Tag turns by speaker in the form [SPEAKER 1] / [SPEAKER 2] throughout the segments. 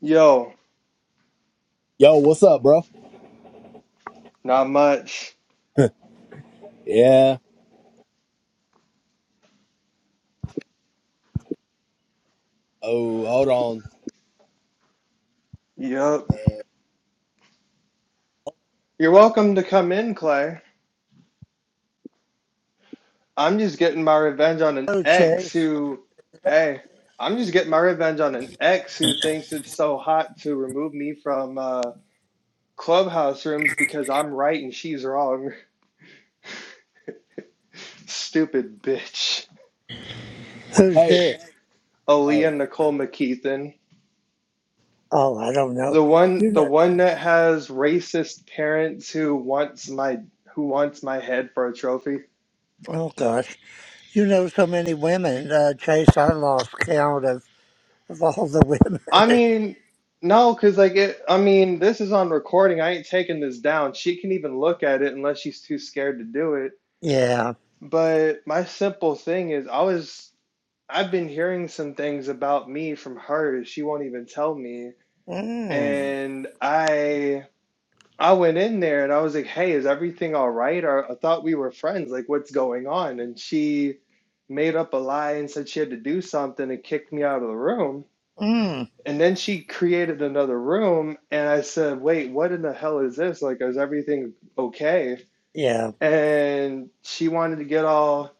[SPEAKER 1] Yo,
[SPEAKER 2] Yo, what's up, bro?
[SPEAKER 1] not much.
[SPEAKER 2] Yeah. Oh, hold on.
[SPEAKER 1] Yup.
[SPEAKER 2] Uh,
[SPEAKER 1] You're welcome to come in, Clay. I'm just getting my revenge on an
[SPEAKER 3] Hello,
[SPEAKER 1] ex
[SPEAKER 3] Chase.
[SPEAKER 1] who, hey, I'm just getting my revenge on an ex who thinks it's so hot to remove me from uh, clubhouse rooms because I'm right and she's wrong. Stupid bitch.
[SPEAKER 3] Who's
[SPEAKER 2] hey.
[SPEAKER 3] this?
[SPEAKER 2] Oh.
[SPEAKER 1] Aaliyah Nicole McKeithen.
[SPEAKER 3] Oh, I don't know.
[SPEAKER 1] The one
[SPEAKER 3] You
[SPEAKER 1] the
[SPEAKER 3] know,
[SPEAKER 1] one that has racist parents who wants my who wants my head for a trophy.
[SPEAKER 3] oh gosh, you know so many women, uh, Chase. I lost count of, of all the women.
[SPEAKER 1] I mean, no, because like it, I mean, this is on recording. I ain't taking this down. She can even look at it unless she's too scared to do it.
[SPEAKER 3] yeah.
[SPEAKER 1] But my simple thing is, I was, I've been hearing some things about me from her. She won't even tell me.
[SPEAKER 3] Mm.
[SPEAKER 1] And I, I went in there and I was like, "Hey, is everything all right?" Or I thought we were friends. Like, what's going on? And she made up a lie and said she had to do something and kicked me out of the room.
[SPEAKER 3] Mm.
[SPEAKER 1] And then she created another room, and I said, Wait, what in the hell is this? Like, is everything okay?
[SPEAKER 3] Yeah.
[SPEAKER 1] And she wanted to get all,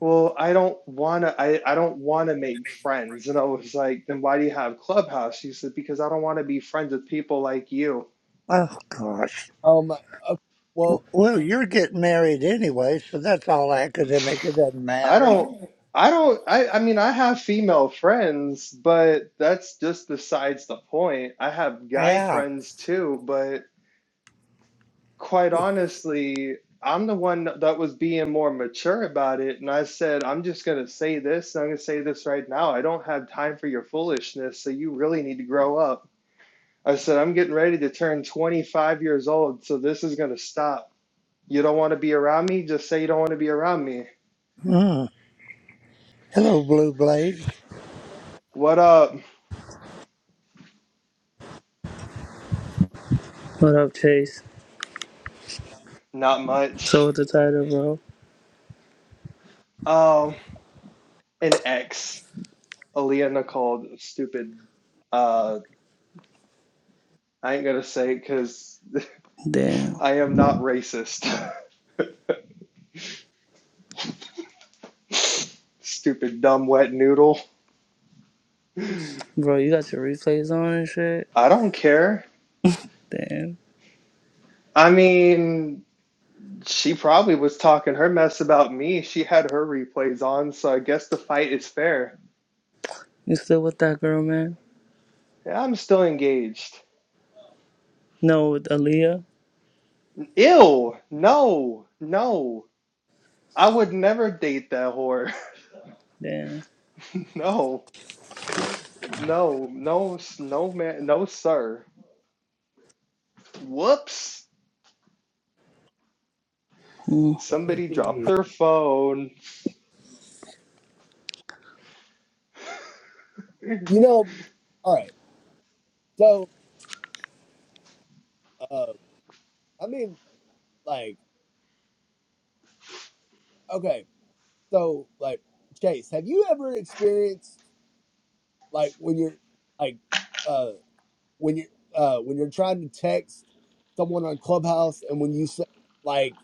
[SPEAKER 1] Well, I don't want to, I, I don't want to make friends. And I was like, Then why do you have Clubhouse? She said, Because I don't want to be friends with people like you.
[SPEAKER 3] Oh gosh.
[SPEAKER 2] Um. Okay.
[SPEAKER 3] W-
[SPEAKER 2] Well,
[SPEAKER 3] Well, you're getting married anyway, so that's all academic. It doesn't
[SPEAKER 1] I
[SPEAKER 3] matter.
[SPEAKER 1] don't, I don't, I, I mean, I have female friends, but that's just besides the point. I have guy
[SPEAKER 3] Yeah.
[SPEAKER 1] friends too, but quite honestly, I'm the one that was being more mature about it. And I said, I'm just going to say this. And I'm going to say this right now. I don't have time for your foolishness. So you really need to grow up. I said, I'm getting ready to turn 25 years old. So this is going to stop. You don't want to be around me? Just say you don't want to be around me.
[SPEAKER 3] Mm. Hello, Blue Blaze.
[SPEAKER 1] What up?
[SPEAKER 4] What up, Chase?
[SPEAKER 1] Not
[SPEAKER 4] So
[SPEAKER 1] much.
[SPEAKER 4] what's the title, bro?
[SPEAKER 1] Um, an ex, Aaliyah called stupid. Uh, I ain't going to say it because
[SPEAKER 4] Damn.
[SPEAKER 1] I am not racist. Stupid, dumb, wet noodle.
[SPEAKER 4] Bro, you got your replays on and shit?
[SPEAKER 1] I don't care.
[SPEAKER 4] Damn.
[SPEAKER 1] I mean, she probably was talking her mess about me. She had her replays on, so I guess the fight is fair.
[SPEAKER 4] You still with that girl, man?
[SPEAKER 1] Yeah, I'm still engaged.
[SPEAKER 4] No, with Aaliyah?
[SPEAKER 1] Ew! No, no. I would never date that whore.
[SPEAKER 4] Damn.
[SPEAKER 1] No, no, no, s- no, man, no, sir. Whoops!
[SPEAKER 4] Hmm.
[SPEAKER 1] Somebody dropped their phone.
[SPEAKER 2] you know. All right. So, uh, I mean, like, okay. So, like, Chase, have you ever experienced like when you're like, uh, when you're uh when you're trying to text someone on Clubhouse and when you say like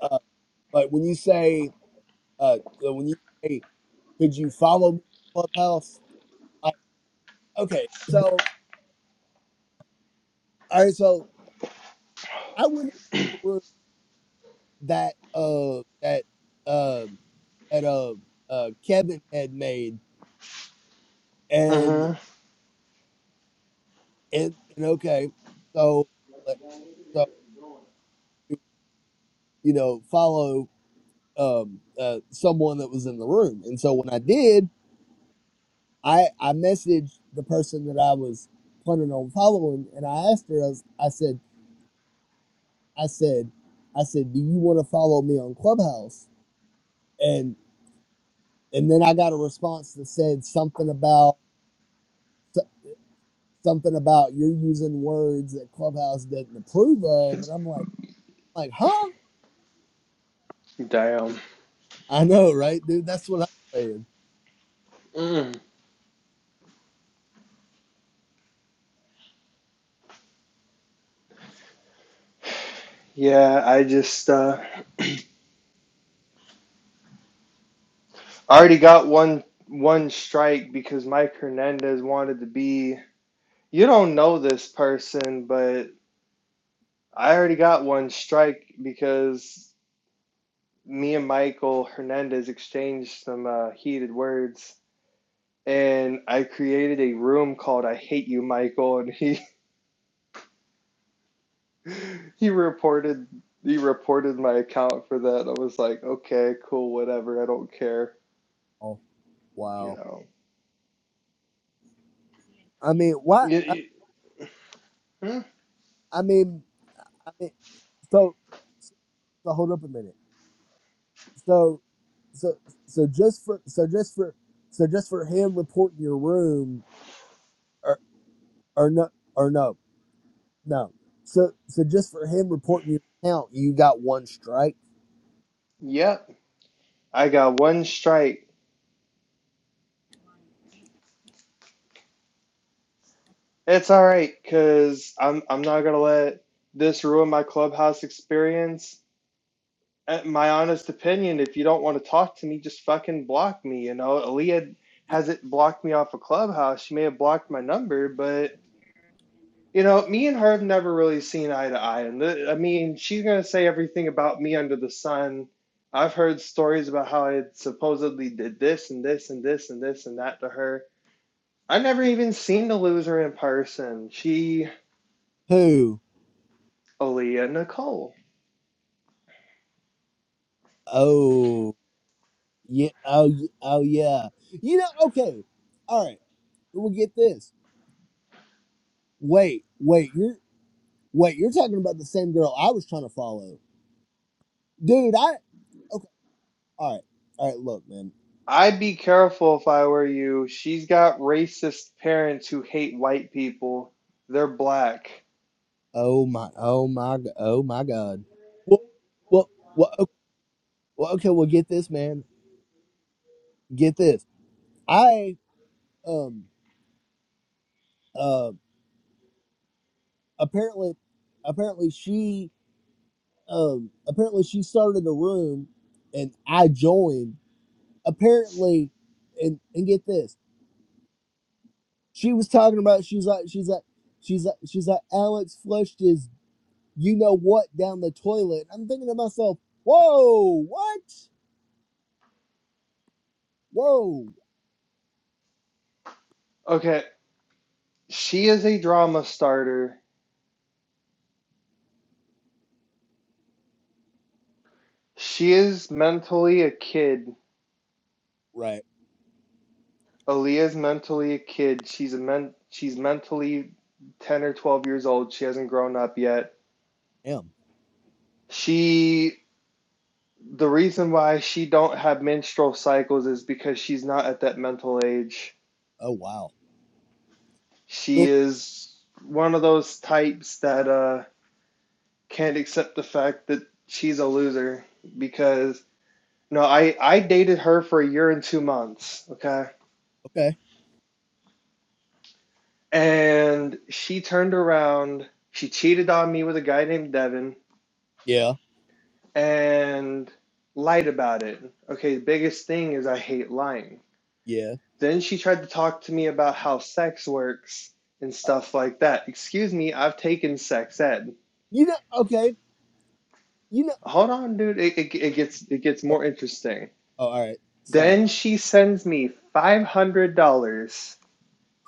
[SPEAKER 2] uh like when you say uh uh, when you say could you follow me on Clubhouse like okay so all right so I wouldn't have the word that uh that um that uh, uh Kevin had made
[SPEAKER 1] Uh
[SPEAKER 2] and
[SPEAKER 1] huh.
[SPEAKER 2] and, and okay so uh, so you know follow um uh someone that was in the room and so when I did I I messaged the person that I was planning on following and I asked her I, was, I said I said I said do you want to follow me on Clubhouse and and then I got a response that said something about something about you're using words that Clubhouse doesn't approve of, and I'm like, like, huh?
[SPEAKER 1] Damn.
[SPEAKER 2] I know, right, dude? That's what I'm saying.
[SPEAKER 1] Mm. Yeah, I just uh I already got one one strike because Mike Hernandez wanted to be. You don't know this person, but I already got one strike because me and Michael Hernandez exchanged some uh, heated words, and I created a room called "I Hate You, Michael," and he he reported he reported my account for that. I was like, okay, cool, whatever, I don't care,
[SPEAKER 2] Oh,
[SPEAKER 1] you
[SPEAKER 2] wow.
[SPEAKER 1] know.
[SPEAKER 2] I mean, why? I,
[SPEAKER 1] Y- y- hmm,
[SPEAKER 2] I mean, I mean, so, so hold up a minute. So, so, so just for, so just for, so just for him reporting your room, or or no, or no, no. So, so just for him reporting your account, you got one strike.
[SPEAKER 1] Yep, yeah, I got one strike. It's all right because I'm I'm not gonna let this ruin my clubhouse experience. Uh, My honest opinion, if you don't want to talk to me, just fucking block me. You know, Aaliyah hasn't blocked me off of clubhouse. She may have blocked my number, but you know, me and her have never really seen eye to eye. And th- I mean, she's gonna say everything about me under the sun. I've heard stories about how I supposedly did this and this and this and this and that to her. I've never even seen the loser in person. She
[SPEAKER 2] Who?
[SPEAKER 1] Aaliyah Nicole.
[SPEAKER 2] Oh. Yeah. Oh, y- oh yeah. You know, okay. All right. We'll get this. Wait, wait, you're wait, you're talking about the same girl I was trying to follow. Dude, I okay, all right. All right, look, man.
[SPEAKER 1] I'd be careful if I were you. She's got racist parents who hate white people. They're black.
[SPEAKER 2] Oh my oh my g- oh my god. Well well well okay, well, okay well get this, man. Get this. I um uh apparently apparently she um apparently she started a room and I joined apparently, and and get this, she was talking about she's like she's like she's like she's like Alex flushed his you know what down the toilet. I'm thinking to myself, whoa, what? Whoa,
[SPEAKER 1] Okay, she is a drama starter. She is mentally a kid.
[SPEAKER 2] right?
[SPEAKER 1] Aaliyah's mentally a kid. She's a men- she's mentally 10 or 12 years old. She hasn't grown up yet.
[SPEAKER 2] M.
[SPEAKER 1] She the reason why she don't have menstrual cycles is because she's not at that mental age.
[SPEAKER 2] Oh wow.
[SPEAKER 1] She
[SPEAKER 2] But,
[SPEAKER 1] is one of those types that uh, can't accept the fact that she's a loser because no, I I dated her for a year and two months, okay,
[SPEAKER 2] okay.
[SPEAKER 1] and she turned around, she cheated on me with a guy named Devin,
[SPEAKER 2] Yeah.
[SPEAKER 1] and lied about it. Okay, the biggest thing is I hate lying.
[SPEAKER 2] Yeah.
[SPEAKER 1] Then she tried to talk to me about how sex works and stuff like that. Excuse me, I've taken sex ed.
[SPEAKER 2] You know. Okay. You know.
[SPEAKER 1] Hold on, dude. It, it, it gets it gets
[SPEAKER 2] Oh,
[SPEAKER 1] more interesting.
[SPEAKER 2] oh all right. Sorry.
[SPEAKER 1] Then she sends me five hundred dollars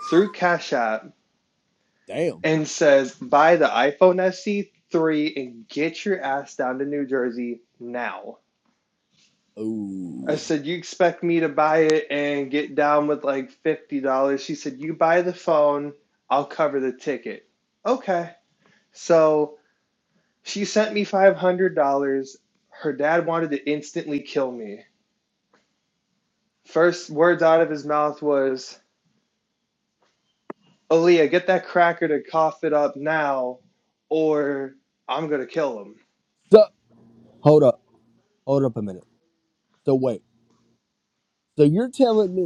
[SPEAKER 1] through Cash App
[SPEAKER 2] Damn.
[SPEAKER 1] and says, "Buy the iPhone SE three and get your ass down to New Jersey now." I
[SPEAKER 2] Ooh.
[SPEAKER 1] said, "You expect me to buy it and get down with like fifty dollars?" She said, "You buy the phone, I'll cover the ticket." Okay. So she sent me five hundred dollars. Her dad wanted to instantly kill me First words out of his mouth was, Aaliyah, get that cracker to cough it up now, or I'm gonna kill him.
[SPEAKER 2] So hold up. Hold up a minute. So wait. So you're telling me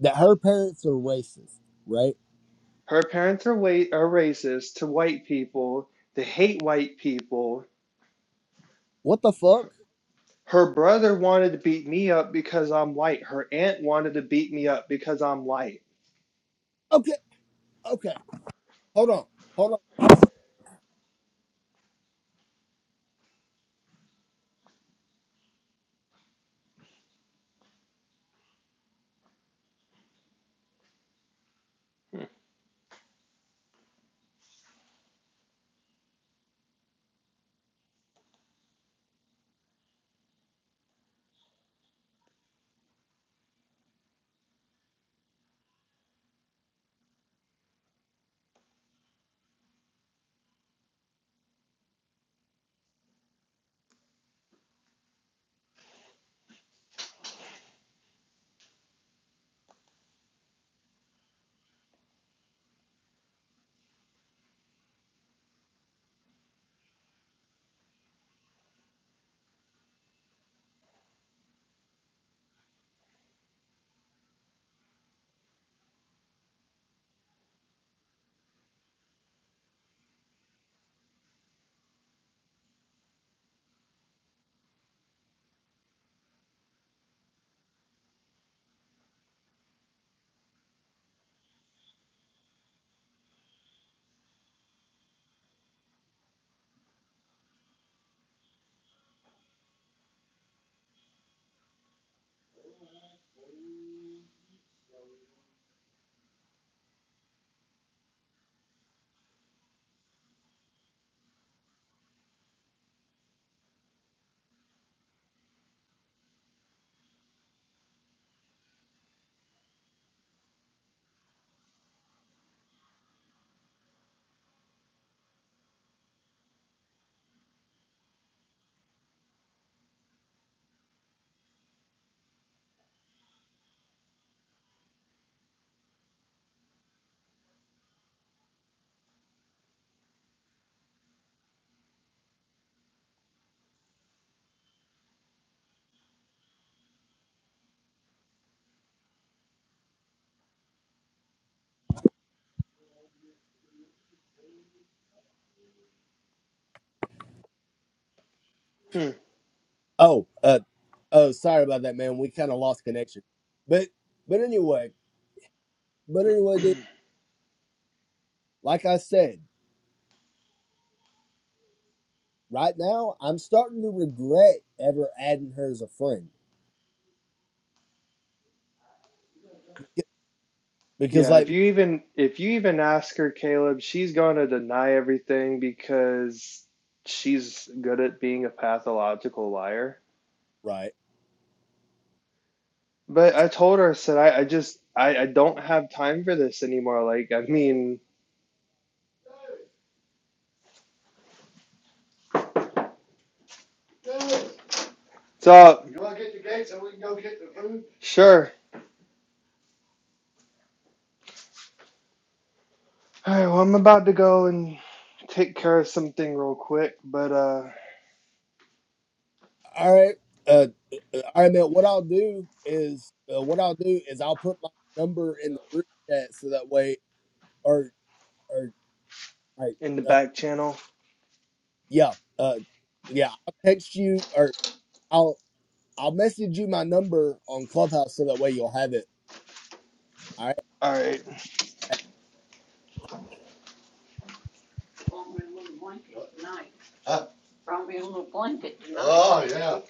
[SPEAKER 2] that her parents are racist, right?
[SPEAKER 1] Her parents are wait are racist to white people. They hate white people.
[SPEAKER 2] What the fuck?
[SPEAKER 1] Her brother wanted to beat me up because I'm white. Her aunt wanted to beat me up because I'm white.
[SPEAKER 2] Okay. Okay hold on, hold on.
[SPEAKER 1] Hmm.
[SPEAKER 2] Oh, uh, oh, sorry about that, man. We kind of lost connection, but but anyway, but anyway, dude. Like I said, right now I'm starting to regret ever adding her as a friend because, because
[SPEAKER 1] Yeah, if
[SPEAKER 2] like,
[SPEAKER 1] you even if you even ask her, Caleb, she's gonna deny everything because she's good at being a pathological liar.
[SPEAKER 2] right,
[SPEAKER 1] But I told her, I said, I, I just, I, I don't have time for this anymore. Like, I mean, so You want to get the gate so we can go get the food? sure. All right, well, I'm about to go and take care of something real quick, but uh,
[SPEAKER 2] all right, uh, uh, all right, man. What I'll do is, uh, what I'll do is I'll put my number in the group chat so that way, or or like,
[SPEAKER 1] in the
[SPEAKER 2] uh,
[SPEAKER 1] back channel.
[SPEAKER 2] yeah, uh, yeah, I'll text you or. I'll. I'll message you my number on Clubhouse so that way you'll have it. All right.
[SPEAKER 1] All right. Huh? Oh yeah.